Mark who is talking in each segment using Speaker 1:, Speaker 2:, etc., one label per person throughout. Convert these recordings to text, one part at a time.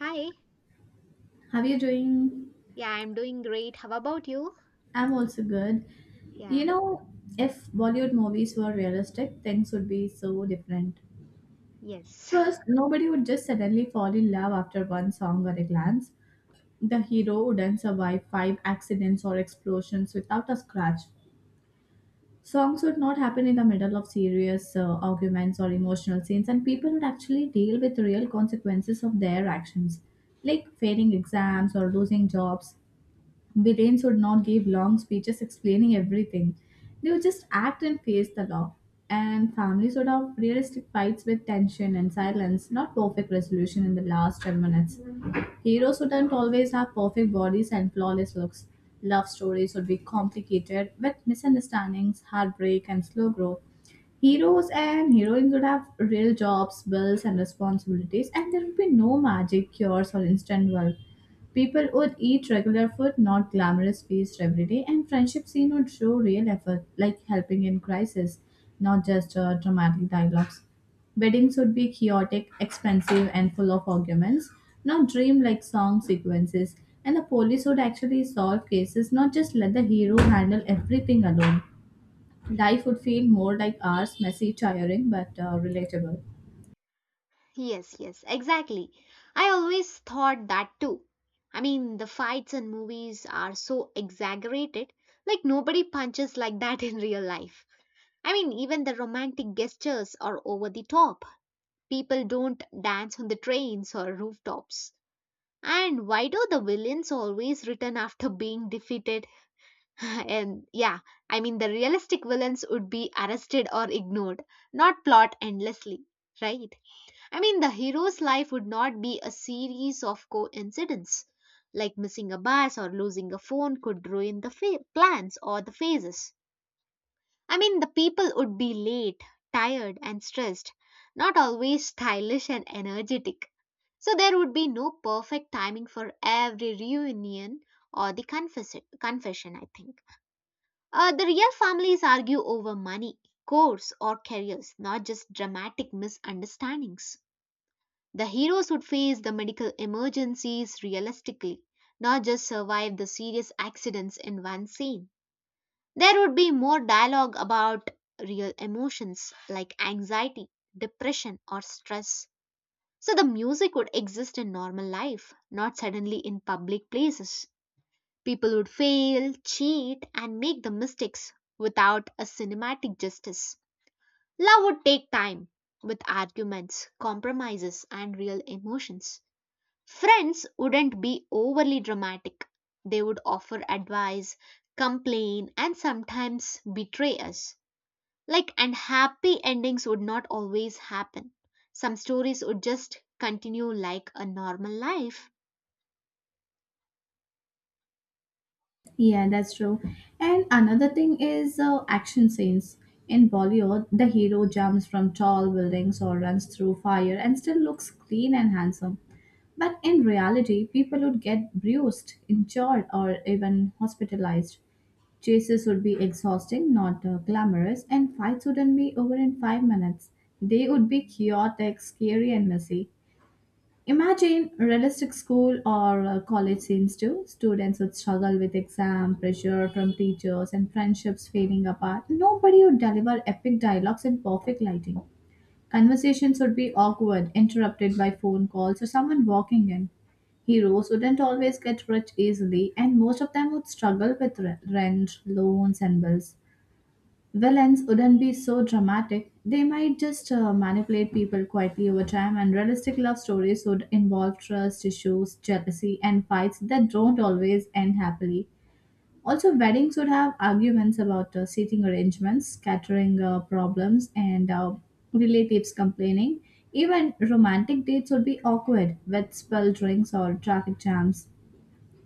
Speaker 1: Hi.
Speaker 2: How are you doing?
Speaker 1: Yeah, I'm doing great. How about you?
Speaker 2: I'm also good. You
Speaker 1: Yeah.
Speaker 2: know, if Bollywood movies were realistic, things would be so different.
Speaker 1: Yes.
Speaker 2: First, nobody would just suddenly fall in love after one song or a glance. The hero wouldn't survive five accidents or explosions without a scratch. Songs would not happen in the middle of serious arguments or emotional scenes, and people would actually deal with real consequences of their actions, like failing exams or losing jobs. Britains would not give long speeches explaining everything. They would just act and face the law. And families would have realistic fights with tension and silence, not perfect resolution in the last 10 minutes. Heroes wouldn't always have perfect bodies and flawless looks. Love stories would be complicated with misunderstandings, heartbreak, and slow growth. Heroes and heroines would have real jobs, bills, and responsibilities, and there would be no magic cures or instant wealth. People would eat regular food, not glamorous feasts every day, and friendship scene would show real effort, like helping in crisis, not just dramatic dialogues. Weddings would be chaotic, expensive, and full of arguments, not dream like song sequences. And the police would actually solve cases, not just let the hero handle everything alone. Life would feel more like ours, messy, tiring, but relatable.
Speaker 1: Yes, yes, exactly. I always thought that too. The fights in movies are so exaggerated. Nobody punches like that in real life. Even the romantic gestures are over the top. People don't dance on the trains or rooftops. And why do the villains always return after being defeated? and yeah, the realistic villains would be arrested or ignored, not plot endlessly, right? The hero's life would not be a series of coincidence, like missing a bus or losing a phone could ruin the plans or the phases. The people would be late, tired, and stressed, not always stylish and energetic. So there would be no perfect timing for every reunion or the confession, I think. The real families argue over money, course, or careers, not just dramatic misunderstandings. The heroes would face the medical emergencies realistically, not just survive the serious accidents in one scene. There would be more dialogue about real emotions like anxiety, depression, or stress. So the music would exist in normal life, not suddenly in public places. People would fail, cheat, and make the mistakes without a cinematic justice. Love would take time with arguments, compromises, and real emotions. Friends wouldn't be overly dramatic. They would offer advice, complain, and sometimes betray us. And happy endings would not always happen. Some stories would just continue like a normal life.
Speaker 2: Yeah, that's true. And another thing is action scenes. In Bollywood, the hero jumps from tall buildings or runs through fire and still looks clean and handsome. But in reality, people would get bruised, injured, or even hospitalized. Chases would be exhausting, not glamorous, and fights wouldn't be over in 5 minutes. They would be chaotic, scary, and messy. Imagine realistic school or college scenes too. Students would struggle with exam pressure from teachers and friendships fading apart. Nobody would deliver epic dialogues and perfect lighting. Conversations would be awkward, interrupted by phone calls or someone walking in. Heroes wouldn't always get rich easily, and most of them would struggle with rent, loans, and bills. Villains wouldn't be so dramatic. They might just manipulate people quietly over time, and realistic love stories would involve trust issues, jealousy, and fights that don't always end happily. Also, weddings would have arguments about seating arrangements, catering problems, and relatives complaining. Even romantic dates would be awkward with spilled drinks or traffic jams.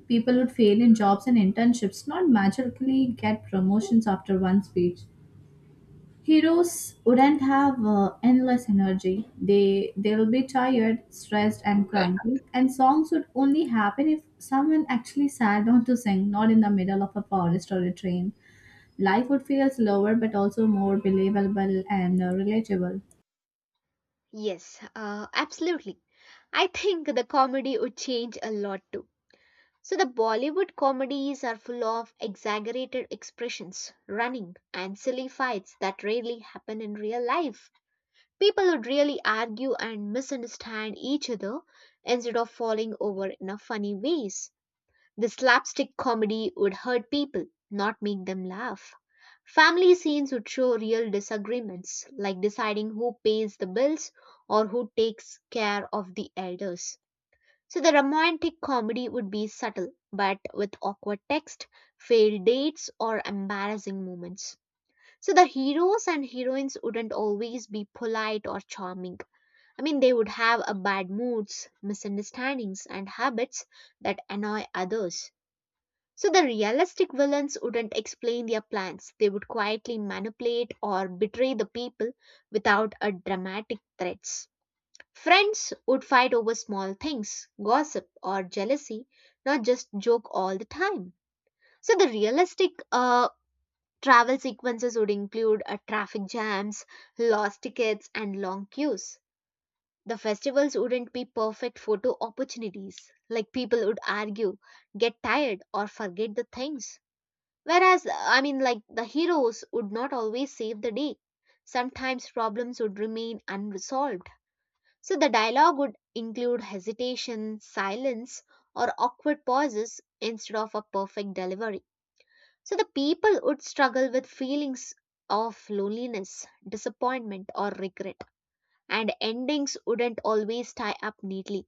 Speaker 2: People would fail in jobs and internships, not magically get promotions after one speech. Heroes wouldn't have endless energy. They'll be tired, stressed, and cranky. And songs would only happen if someone actually sat down to sing, not in the middle of a forest or a train. Life would feel slower, but also more believable and relatable.
Speaker 1: Yes, absolutely. I think the comedy would change a lot too. So the Bollywood comedies are full of exaggerated expressions, running, and silly fights that rarely happen in real life. People would really argue and misunderstand each other instead of falling over in a funny ways. The slapstick comedy would hurt people, not make them laugh. Family scenes would show real disagreements, like deciding who pays the bills or who takes care of the elders. So the romantic comedy would be subtle, but with awkward text, failed dates, or embarrassing moments. So the heroes and heroines wouldn't always be polite or charming. They would have a bad moods, misunderstandings, and habits that annoy others. So the realistic villains wouldn't explain their plans. They would quietly manipulate or betray the people without a dramatic threats. Friends would fight over small things, gossip or jealousy, not just joke all the time. So the realistic travel sequences would include traffic jams, lost tickets and long queues. The festivals wouldn't be perfect photo opportunities. Like people would argue, get tired or forget the things. The heroes would not always save the day. Sometimes problems would remain unresolved. So the dialogue would include hesitation, silence, or awkward pauses instead of a perfect delivery. So the people would struggle with feelings of loneliness, disappointment, or regret. And endings wouldn't always tie up neatly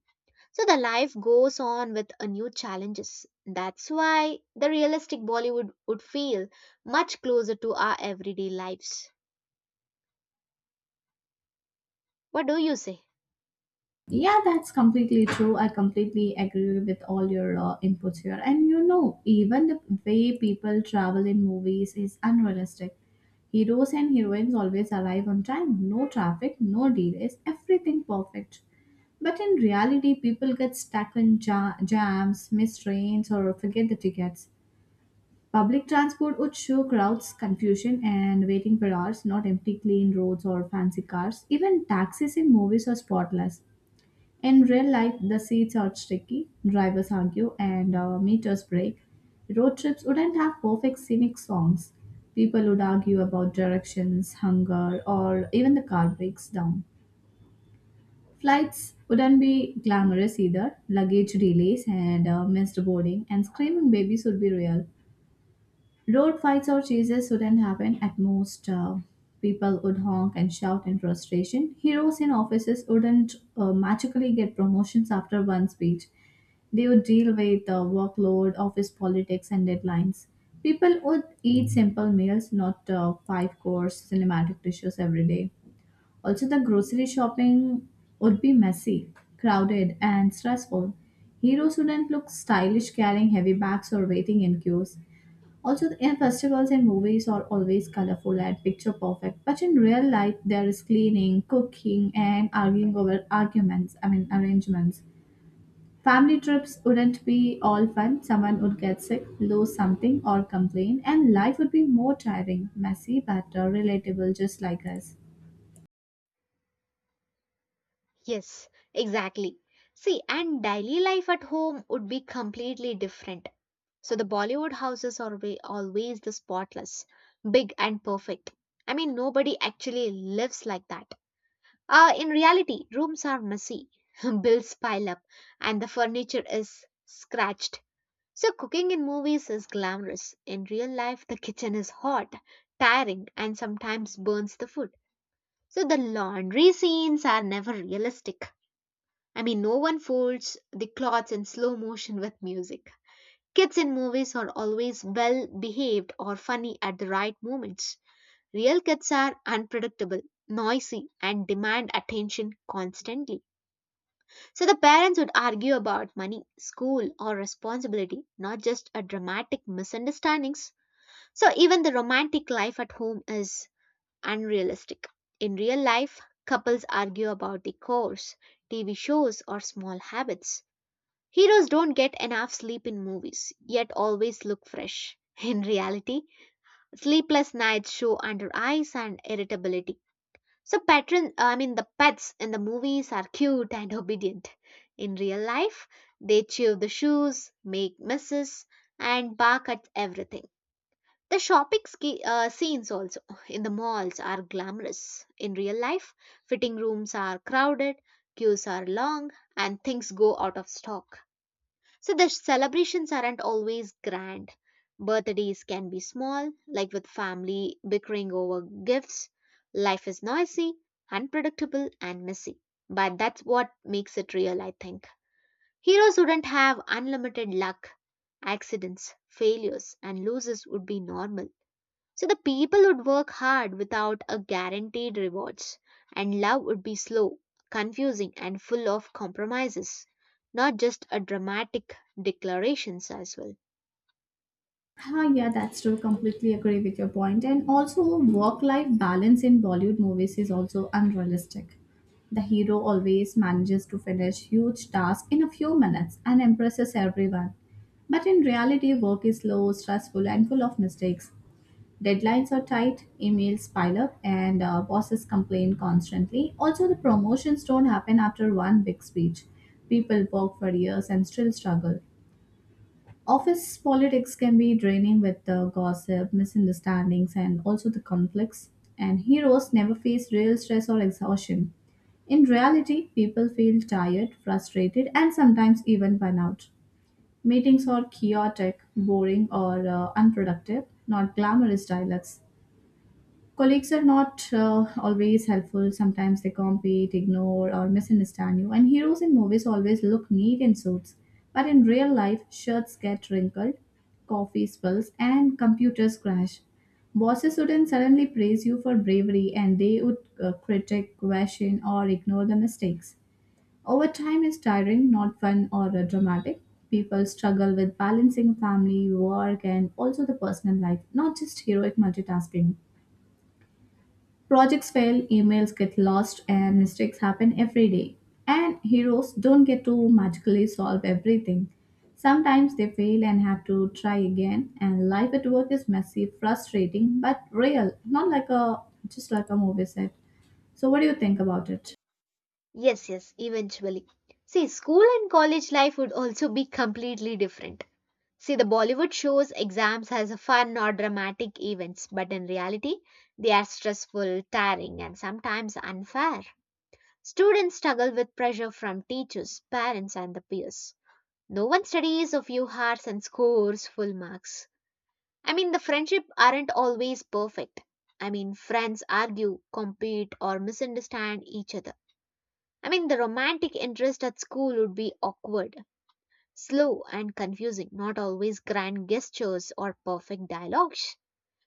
Speaker 1: so the life goes on with a new challenges. That's why the realistic Bollywood would feel much closer to our everyday lives. What do you say?
Speaker 2: Yeah, that's completely true. I completely agree with all your inputs here. And you know, even the way people travel in movies is unrealistic. Heroes and heroines always arrive on time, no traffic, no delays, everything perfect. But in reality, people get stuck in jams, miss trains, or forget the tickets. Public transport would show crowds, confusion, and waiting for hours, not empty, clean roads or fancy cars. Even taxis in movies are spotless in real life, the seats are sticky, drivers argue, and meters break. Road trips wouldn't have perfect scenic songs. People would argue about directions, hunger, or even the car breaks down. Flights wouldn't be glamorous either. Luggage delays and missed boarding and screaming babies would be real. Road fights or chases wouldn't happen. At most, people would honk and shout in frustration. Heroes in offices wouldn't magically get promotions after one speech. They would deal with workload, office politics, and deadlines. People would eat simple meals, not five course cinematic dishes every day. Also, the grocery shopping would be messy, crowded, and stressful. Heroes wouldn't look stylish carrying heavy bags or waiting in queues. Also, the and festivals and movies are always colorful and picture perfect, but in real life, there is cleaning, cooking, and arguing over arguments. I mean, arrangements. Family trips wouldn't be all fun. Someone would get sick, lose something, or complain, and life would be more tiring, messy, but relatable, just like us.
Speaker 1: Yes, exactly. See, and daily life at home would be completely different. So the Bollywood houses are always the spotless, big and perfect. Nobody actually lives like that. In reality, rooms are messy, bills pile up, and the furniture is scratched. So cooking in movies is glamorous. In real life, the kitchen is hot, tiring, and sometimes burns the food. So the laundry scenes are never realistic. No one folds the clothes in slow motion with music. Kids in movies are always well behaved or funny at the right moments. Real kids are unpredictable, noisy, and demand attention constantly. So the parents would argue about money, school, or responsibility, not just a dramatic misunderstandings. So even the romantic life at home is unrealistic. In real life, couples argue about the course, TV shows, or small habits. Heroes don't get enough sleep in movies, yet always look fresh. In reality, sleepless nights show under eyes and irritability. So patron I mean the pets in the movies are cute and obedient. In real life, they chew the shoes, make messes, and bark at everything. The shopping scenes also in the malls are glamorous. In real life, fitting rooms are crowded, queues are long, and things go out of stock. So the celebrations aren't always grand. Birthdays can be small, like with family bickering over gifts. Life is noisy, unpredictable, and messy. But that's what makes it real, I think. Heroes wouldn't have unlimited luck. Accidents, failures, and losses would be normal so the people would work hard without a guaranteed rewards, and love would be slow, confusing, and full of compromises, not just a dramatic declarations as well.
Speaker 2: Ah, yeah, that's true. Completely agree with your point. And also, work-life balance in Bollywood movies is also unrealistic. The hero always manages to finish huge tasks in a few minutes and impresses everyone. But in reality, work is slow, stressful, and full of mistakes. Deadlines are tight, emails pile up, and bosses complain constantly. Also, the promotions don't happen after one big speech. People work for years and still struggle. Office politics can be draining with the gossip, misunderstandings, and also the conflicts. And heroes never face real stress or exhaustion. In reality, people feel tired, frustrated, and sometimes even burnout. Meetings are chaotic, boring, or unproductive, not glamorous dialogues. Colleagues are not always helpful. Sometimes they compete, ignore, or misunderstand you. And heroes in movies always look neat in suits. But in real life, shirts get wrinkled, coffee spills, and computers crash. Bosses wouldn't suddenly praise you for bravery and they would critique, question, or ignore the mistakes. Overtime is tiring, not fun or dramatic. People struggle with balancing family, work, and also the personal life, not just heroic multitasking. Projects fail, emails get lost, and mistakes happen every day. And heroes don't get to magically solve everything. Sometimes they fail and have to try again, and life at work is messy, frustrating, but real, not like a just like a movie set. So what do you think about it?
Speaker 1: Yes, yes, eventually. See, school and college life would also be completely different. See, the Bollywood shows exams as a fun or dramatic events, but in reality, they are stressful, tiring, and sometimes unfair. Students struggle with pressure from teachers, parents, and the peers. No one studies of few hearts and scores full marks. The friendship aren't always perfect. Friends argue, compete, or misunderstand each other. The romantic interest at school would be awkward, slow, and confusing, not always grand gestures or perfect dialogues.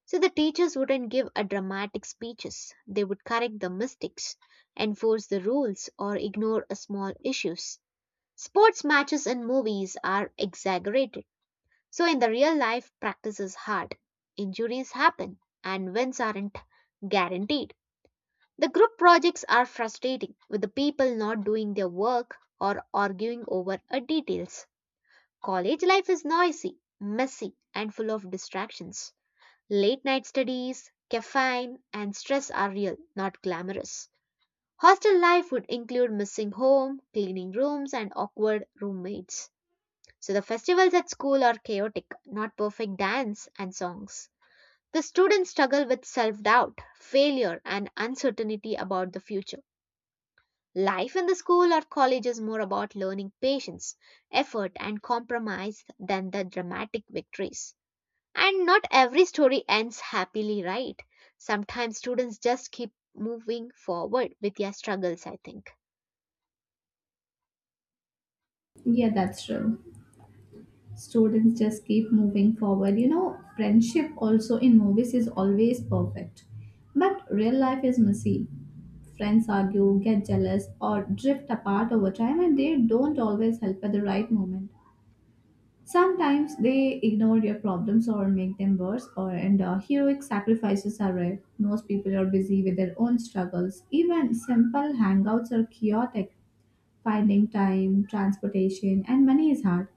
Speaker 1: So the teachers wouldn't give a dramatic speeches. They would correct the mistakes, enforce the rules, or ignore a small issues. Sports matches and movies are exaggerated so, in the real life, practice is hard, injuries happen, and wins aren't guaranteed. The group projects are frustrating, with the people not doing their work or arguing over a details. College life is noisy, messy, and full of distractions. Late night studies, caffeine, and stress are real, not glamorous. Hostel life would include missing home, cleaning rooms, and awkward roommates. So the festivals at school are chaotic, not perfect dance and songs. The students struggle with self doubt, failure, and uncertainty about the future. Life in the school or college is more about learning patience, effort, and compromise than the dramatic victories. And not every story ends happily, right? Sometimes students just keep moving forward with their struggles, I think.
Speaker 2: Yeah, that's true. Students just keep moving forward. You know, friendship also in movies is always perfect, but real life is messy. Friends argue, get jealous, or drift apart over time, and they don't always help at the right moment. Sometimes they ignore your problems or make them worse, or and heroic sacrifices are rare. Most people are busy with their own struggles. Even simple hangouts are chaotic. Finding time, transportation, and money is hard.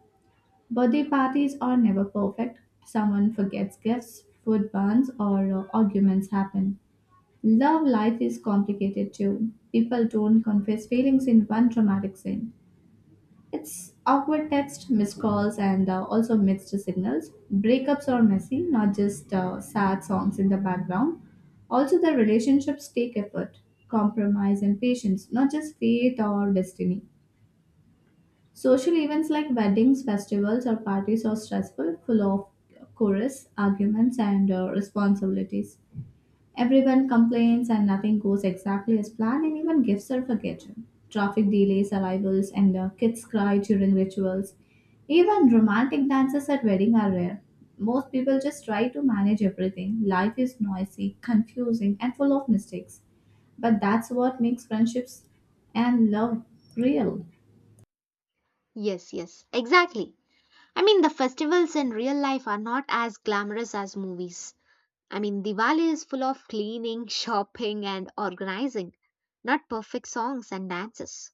Speaker 2: Birthday parties are never perfect. Someone forgets gifts, food burns, or arguments happen. Love life is complicated too. People don't confess feelings in one dramatic scene. It's awkward text, missed calls, and also mixed signals. Breakups are messy, not just sad songs in the background. Also, the relationships take effort, compromise, and patience, not just fate or destiny. Social events like weddings, festivals, or parties are stressful, full of chorus, arguments, and responsibilities. Everyone complains and nothing goes exactly as planned, and even gifts are forgotten. Traffic delays, arrivals, and kids cry during rituals. Even romantic dances at wedding are rare. Most people just try to manage everything. Life is noisy, confusing, and full of mistakes. But that's what makes friendships and love real.
Speaker 1: Yes, yes, exactly. The festivals in real life are not as glamorous as movies. Diwali is full of cleaning, shopping, and organizing, not perfect songs and dances.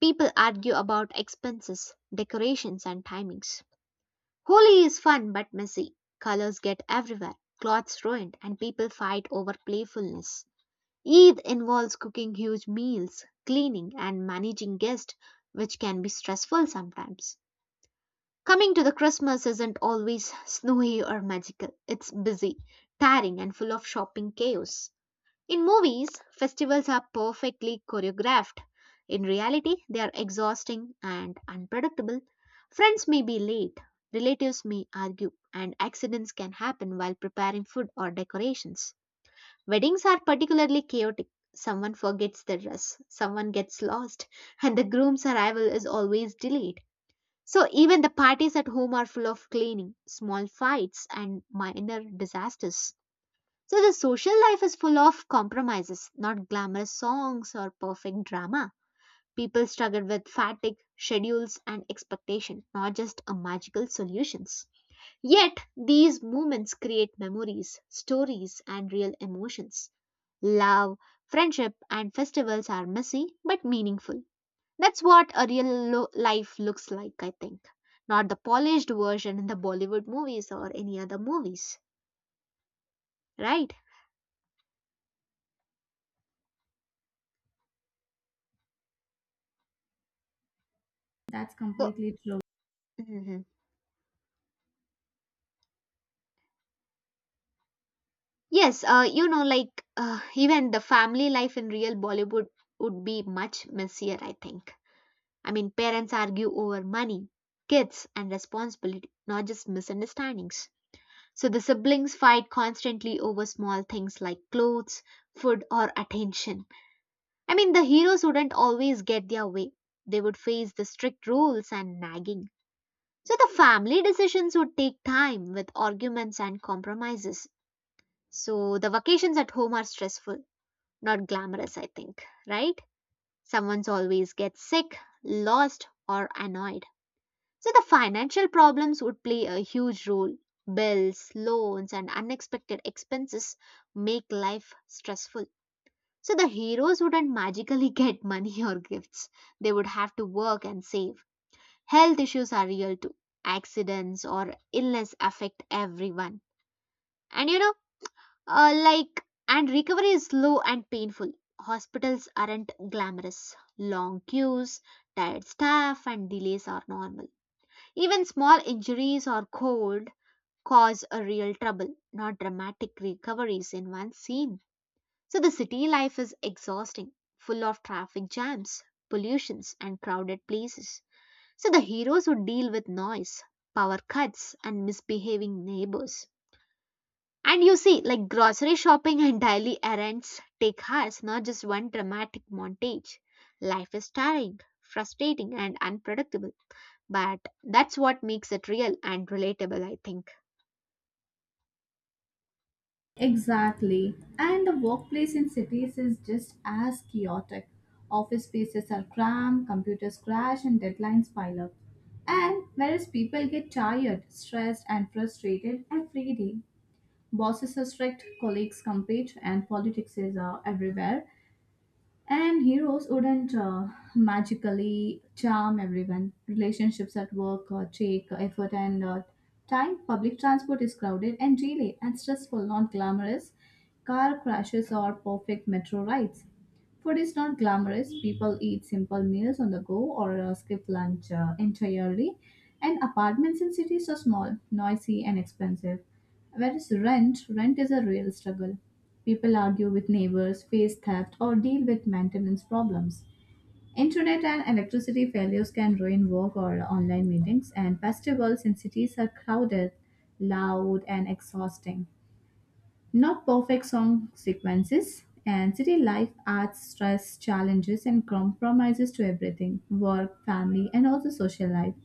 Speaker 1: People argue about expenses, decorations, and timings. Holi is fun but messy. Colors get everywhere, clothes ruined, and people fight over playfulness. Eid involves cooking huge meals, cleaning, and managing guests, which can be stressful sometimes. Coming to the Christmas isn't always snowy or magical. It's busy, tiring, and full of shopping chaos. In movies, festivals are perfectly choreographed. In reality, they are exhausting and unpredictable. Friends may be late, relatives may argue, and accidents can happen while preparing food or decorations. Weddings are particularly chaotic. Someone forgets their dress, someone gets lost, and the groom's arrival is always delayed. So even the parties at home are full of cleaning, small fights, and minor disasters. So the social life is full of compromises, not glamorous songs or perfect drama. People struggle with fatigue, schedules, and expectation, not just a magical solutions. Yet, these moments create memories, stories, and real emotions. Love, friendship, and festivals are messy but meaningful. That's what a real life looks like, I think. Not the polished version in the Bollywood movies or any other movies, right?
Speaker 2: That's
Speaker 1: So,
Speaker 2: completely true.
Speaker 1: Yes, even the family life in real Bollywood would be much messier, I think. Parents argue over money, kids, and responsibility, not just misunderstandings. So the siblings fight constantly over small things like clothes, food, or attention. The heroes wouldn't always get their way, they would face the strict rules and nagging. So the family decisions would take time with arguments and compromises. So the vacations at home are stressful not glamorous, I think, right? Someone's always gets sick, lost, or annoyed. So the financial problems would play a huge role. Bills, loans, and unexpected expenses make life stressful. So the heroes wouldn't magically get money or gifts. They would have to work and save. Health issues are real too. Accidents or illness affect everyone. And you know, and recovery is slow and painful. Hospitals aren't glamorous. Long queues, tired staff, and delays are normal. Even small injuries or cold cause a real trouble, not dramatic recoveries in one scene. So the city life is exhausting, full of traffic jams, pollutions, and crowded places. So the heroes would deal with noise, power cuts, and misbehaving neighbors. And you see, like grocery shopping and daily errands take hours, not just one dramatic montage. Life is tiring, frustrating, and unpredictable. But that's what makes it real and relatable, I think.
Speaker 2: Exactly. And the workplace in cities is just as chaotic. Office spaces are cramped, computers crash, and deadlines pile up. And whereas people get tired, stressed, and frustrated every day, bosses are strict, colleagues compete, and politics is everywhere. And heroes wouldn't magically charm everyone. Relationships at work take effort and time. Public transport is crowded and delayed and stressful, not glamorous. Car crashes or perfect metro rides. Food is not glamorous. People eat simple meals on the go or skip lunch entirely. And apartments in cities are small, noisy, and expensive. Whereas rent is a real struggle. People argue with neighbors, face theft, or deal with maintenance problems. Internet and electricity failures can ruin work or online meetings, and festivals in cities are crowded, loud, and exhausting. Not perfect song sequences, and city life adds stress, challenges, and compromises to everything work, family, and also social life.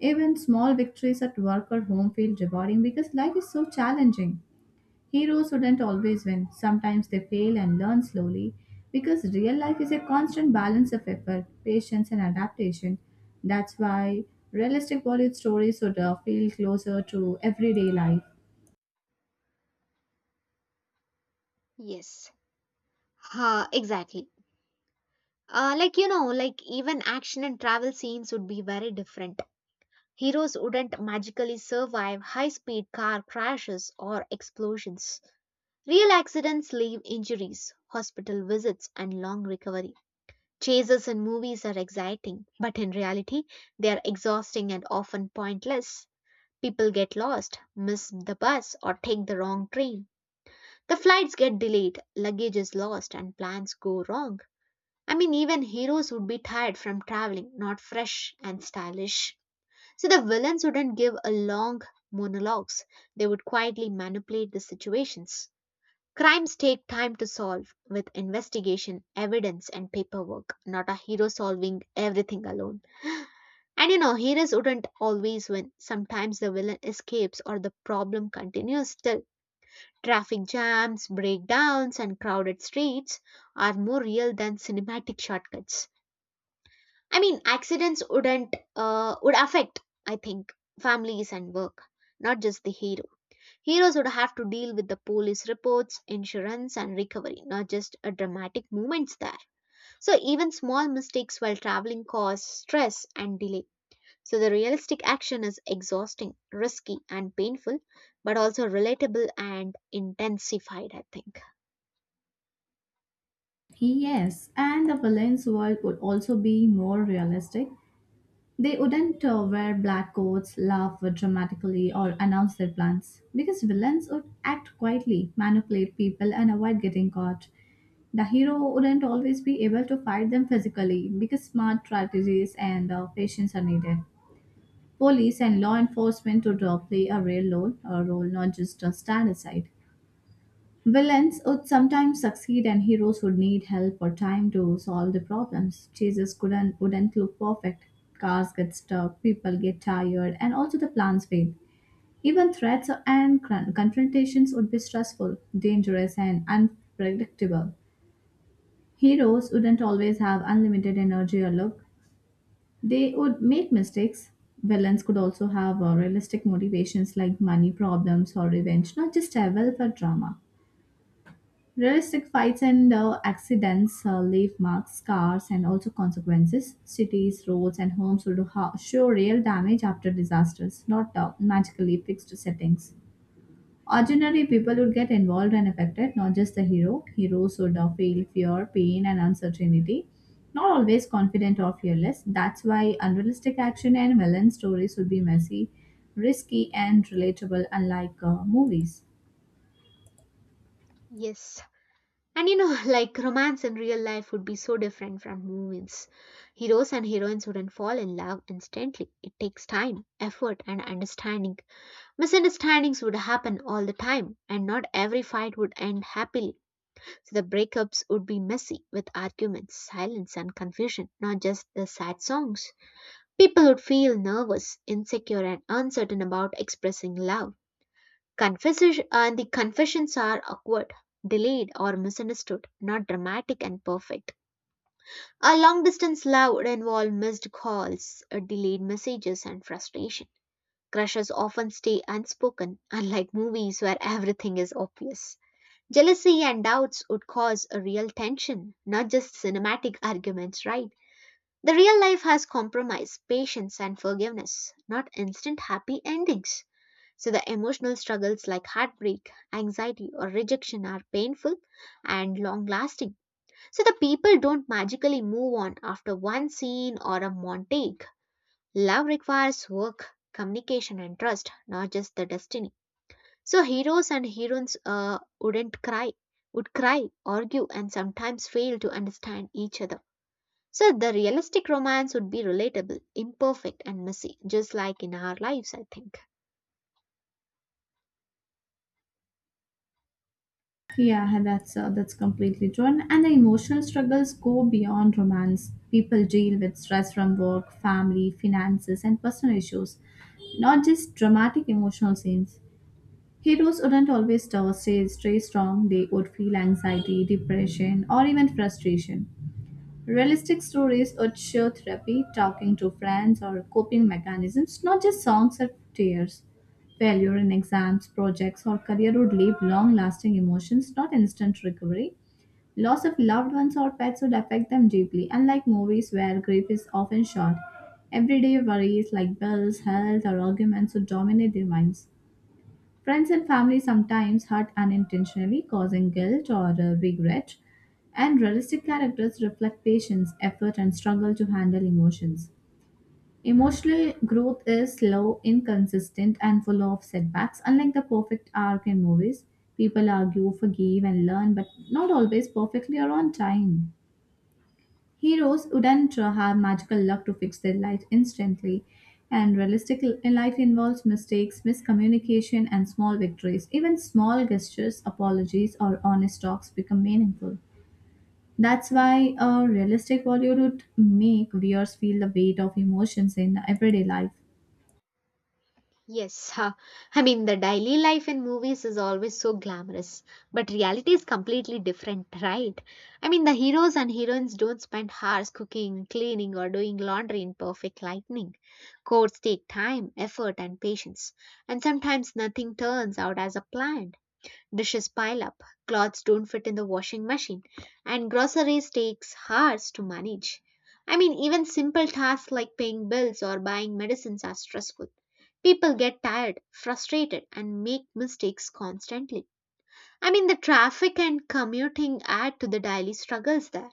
Speaker 2: Even small victories at work or home feel rewarding because life is so challenging. Heroes wouldn't always win. Sometimes they fail and learn slowly because real life is a constant balance of effort, patience, and adaptation. That's why realistic Bollywood stories would feel closer to everyday life.
Speaker 1: Yes, exactly. Like even action and travel scenes would be very different. Heroes wouldn't magically survive high speed car crashes or explosions. Real accidents leave injuries, hospital visits, and long recovery. Chases in movies are exciting, but in reality, they are exhausting and often pointless. People get lost, miss the bus, or take the wrong train. The flights get delayed, luggage is lost, and plans go wrong. I mean, even heroes would be tired from traveling, not fresh and stylish. So the villains wouldn't give a long monologues, they would quietly manipulate the situations. Crimes take time to solve, with investigation, evidence, and paperwork, not a hero solving everything alone. And heroes wouldn't always win. Sometimes the villain escapes or the problem continues still. Traffic jams, breakdowns, and crowded streets are more real than cinematic shortcuts. I mean, accidents wouldn't, would affect, I think, families and work, not just the hero. Heroes would have to deal with the police reports, insurance, and recovery, not just a dramatic moments there. So even small mistakes while traveling cause stress and delay. So the realistic action is exhausting, risky, and painful, but also relatable and intensified, I think.
Speaker 2: Yes, and the villain's world would also be more realistic. They wouldn't wear black coats, laugh dramatically, or announce their plans because villains would act quietly, manipulate people, and avoid getting caught. The hero wouldn't always be able to fight them physically because smart strategies and patience are needed. Police and law enforcement would play a real role, a role not just stand aside. Villains would sometimes succeed and heroes would need help or time to solve the problems. Chases couldn't wouldn't look perfect. Cars get stuck, people get tired, and also the plans fail. Even threats and confrontations would be stressful, dangerous, and unpredictable. Heroes wouldn't always have unlimited energy or luck. They would make mistakes. Villains could also have realistic motivations like money problems or revenge, not just a welfare drama. Realistic fights and accidents leave marks, scars, and also consequences. Cities, roads, and homes would show real damage after disasters, not magically fixed settings. Ordinary people would get involved and affected, not just the hero. Heroes would feel fear, pain, and uncertainty. Not always confident or fearless. That's why unrealistic action and villain stories would be messy, risky, and relatable, unlike movies.
Speaker 1: Yes. And like romance in real life would be so different from movies. Heroes and heroines wouldn't fall in love instantly. It takes time, effort, and understanding. Misunderstandings would happen all the time, and not every fight would end happily. So the breakups would be messy with arguments, silence, and confusion, not just the sad songs. People would feel nervous, insecure, and uncertain about expressing love. Confessions and the confessions are awkward, delayed, or misunderstood, not dramatic and perfect. A long distance love would involve missed calls, delayed messages, and frustration. Crushes often stay unspoken, unlike movies where everything is obvious. Jealousy and doubts would cause a real tension, not just cinematic arguments, right? The real life has compromise, patience, and forgiveness, not instant happy endings. So the emotional struggles like heartbreak, anxiety, or rejection are painful and long lasting. So the people don't magically move on after one scene or a montage. Love requires work, communication, and trust, not just the destiny. So heroes and heroines wouldn't cry, would cry, argue, and sometimes fail to understand each other. So the realistic romance would be relatable, imperfect, and messy, just like in our lives, I think.
Speaker 2: Yeah, that's completely true. And the emotional struggles go beyond romance. People deal with stress from work, family, finances, and personal issues, not just dramatic emotional scenes. Heroes wouldn't always stay strong. They would feel anxiety, depression, or even frustration. Realistic stories urge show therapy, talking to friends, or coping mechanisms, not just songs or tears. Failure in exams, projects, or career would leave long lasting emotions, not instant recovery. Loss of loved ones or pets would affect them deeply, unlike movies where grief is often short. Everyday worries like bills, health, or arguments would dominate their minds. Friends and family sometimes hurt unintentionally, causing guilt or regret. And realistic characters reflect patience, effort, and struggle to handle emotions. Emotional growth is slow, inconsistent, and full of setbacks. Unlike the perfect arc in movies, people argue, forgive, and learn, but not always perfectly or on time. Heroes wouldn't have magical luck to fix their life instantly, and realistic life involves mistakes, miscommunication, and small victories. Even small gestures, apologies, or honest talks become meaningful. That's why a realistic Bollywood would make viewers feel the weight of emotions in everyday life.
Speaker 1: Yes, huh. I mean, the daily life in movies is always so glamorous, but reality is completely different, right? I mean, the heroes and heroines don't spend hours cooking, cleaning, or doing laundry in perfect lighting. Courts take time, effort, and patience, and sometimes nothing turns out as a planned. Dishes pile up, clothes don't fit in the washing machine, and groceries takes hours to manage. I mean, even simple tasks like paying bills or buying medicines are stressful. People get tired, frustrated, and make mistakes constantly. I mean, the traffic and commuting add to the daily struggles there.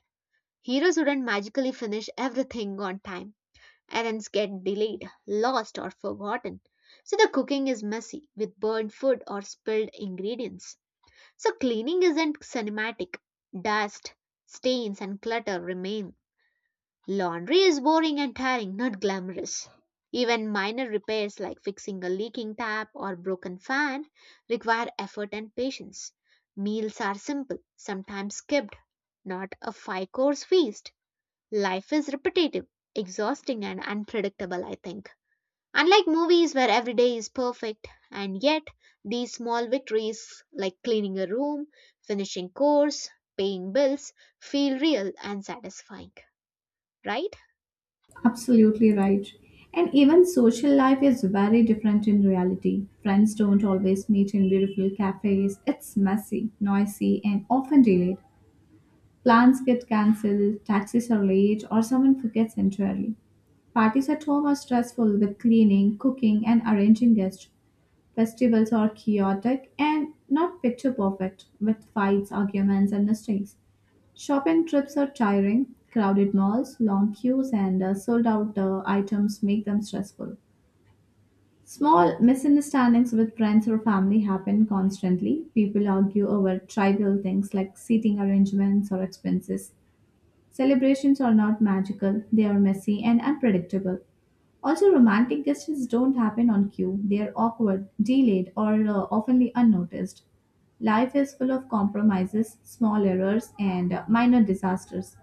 Speaker 1: Heroes wouldn't magically finish everything on time errands get delayed, lost, or forgotten. So the cooking is messy with burnt food or spilled ingredients. So cleaning isn't cinematic. Dust, stains, and clutter remain. Laundry is boring and tiring, not glamorous. Even minor repairs like fixing a leaking tap or broken fan require effort and patience. Meals are simple, sometimes skipped, not a five course feast. Life is repetitive, exhausting, and unpredictable, I think. Unlike movies where every day is perfect, and yet these small victories, like cleaning a room, finishing course, paying bills, feel real and satisfying, right?
Speaker 2: Absolutely right. And even social life is very different in reality. Friends don't always meet in beautiful cafes. It's messy, noisy, and often delayed. Plans get cancelled, taxis are late, or someone forgets entirely. Parties at home are stressful with cleaning, cooking, and arranging guests. Festivals are chaotic and not picture perfect with fights, arguments, and mistakes. Shopping trips are tiring. Crowded malls, long queues, and sold out items make them stressful. Small misunderstandings with friends or family happen constantly. People argue over trivial things like seating arrangements or expenses. Celebrations are not magical, they are messy and unpredictable. Also, romantic gestures don't happen on cue, they are awkward, delayed, or oftenly unnoticed. Life is full of compromises, small errors, and minor disasters.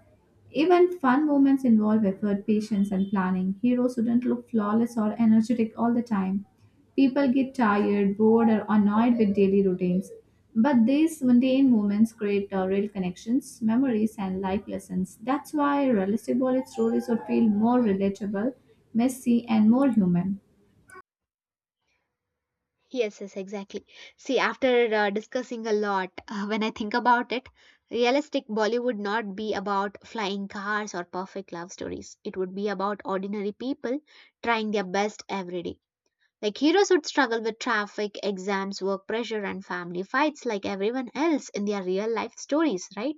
Speaker 2: Even fun moments involve effort, patience, and planning. Heroes shouldn't look flawless or energetic all the time. People get tired, bored, or annoyed with daily routines. But these mundane moments create real connections, memories, and life lessons. That's why realistic Bollywood stories would feel more relatable, messy, and more human.
Speaker 1: Yes, yes, exactly. See, after discussing a lot, when I think about it, realistic Bollywood not be about flying cars or perfect love stories. It would be about ordinary people trying their best every day. Like heroes would struggle with traffic, exams, work pressure, and family fights like everyone else in their real life stories, right?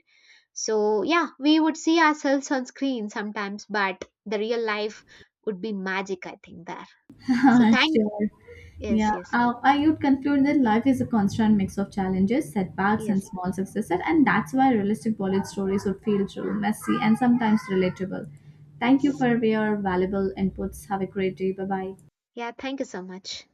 Speaker 1: So, yeah, we would see ourselves on screen sometimes, but the real life would be magic, I think, there. So, thank
Speaker 2: Sure.
Speaker 1: yes,
Speaker 2: Yeah,
Speaker 1: yes,
Speaker 2: I would conclude that life is a constant mix of challenges, setbacks, and
Speaker 1: yes,
Speaker 2: small successes, and that's why realistic Bollywood stories would feel true, messy, and sometimes relatable. Thank you
Speaker 1: yes.
Speaker 2: for your valuable inputs. Have a great day. Bye bye.
Speaker 1: Yeah, thank you so much.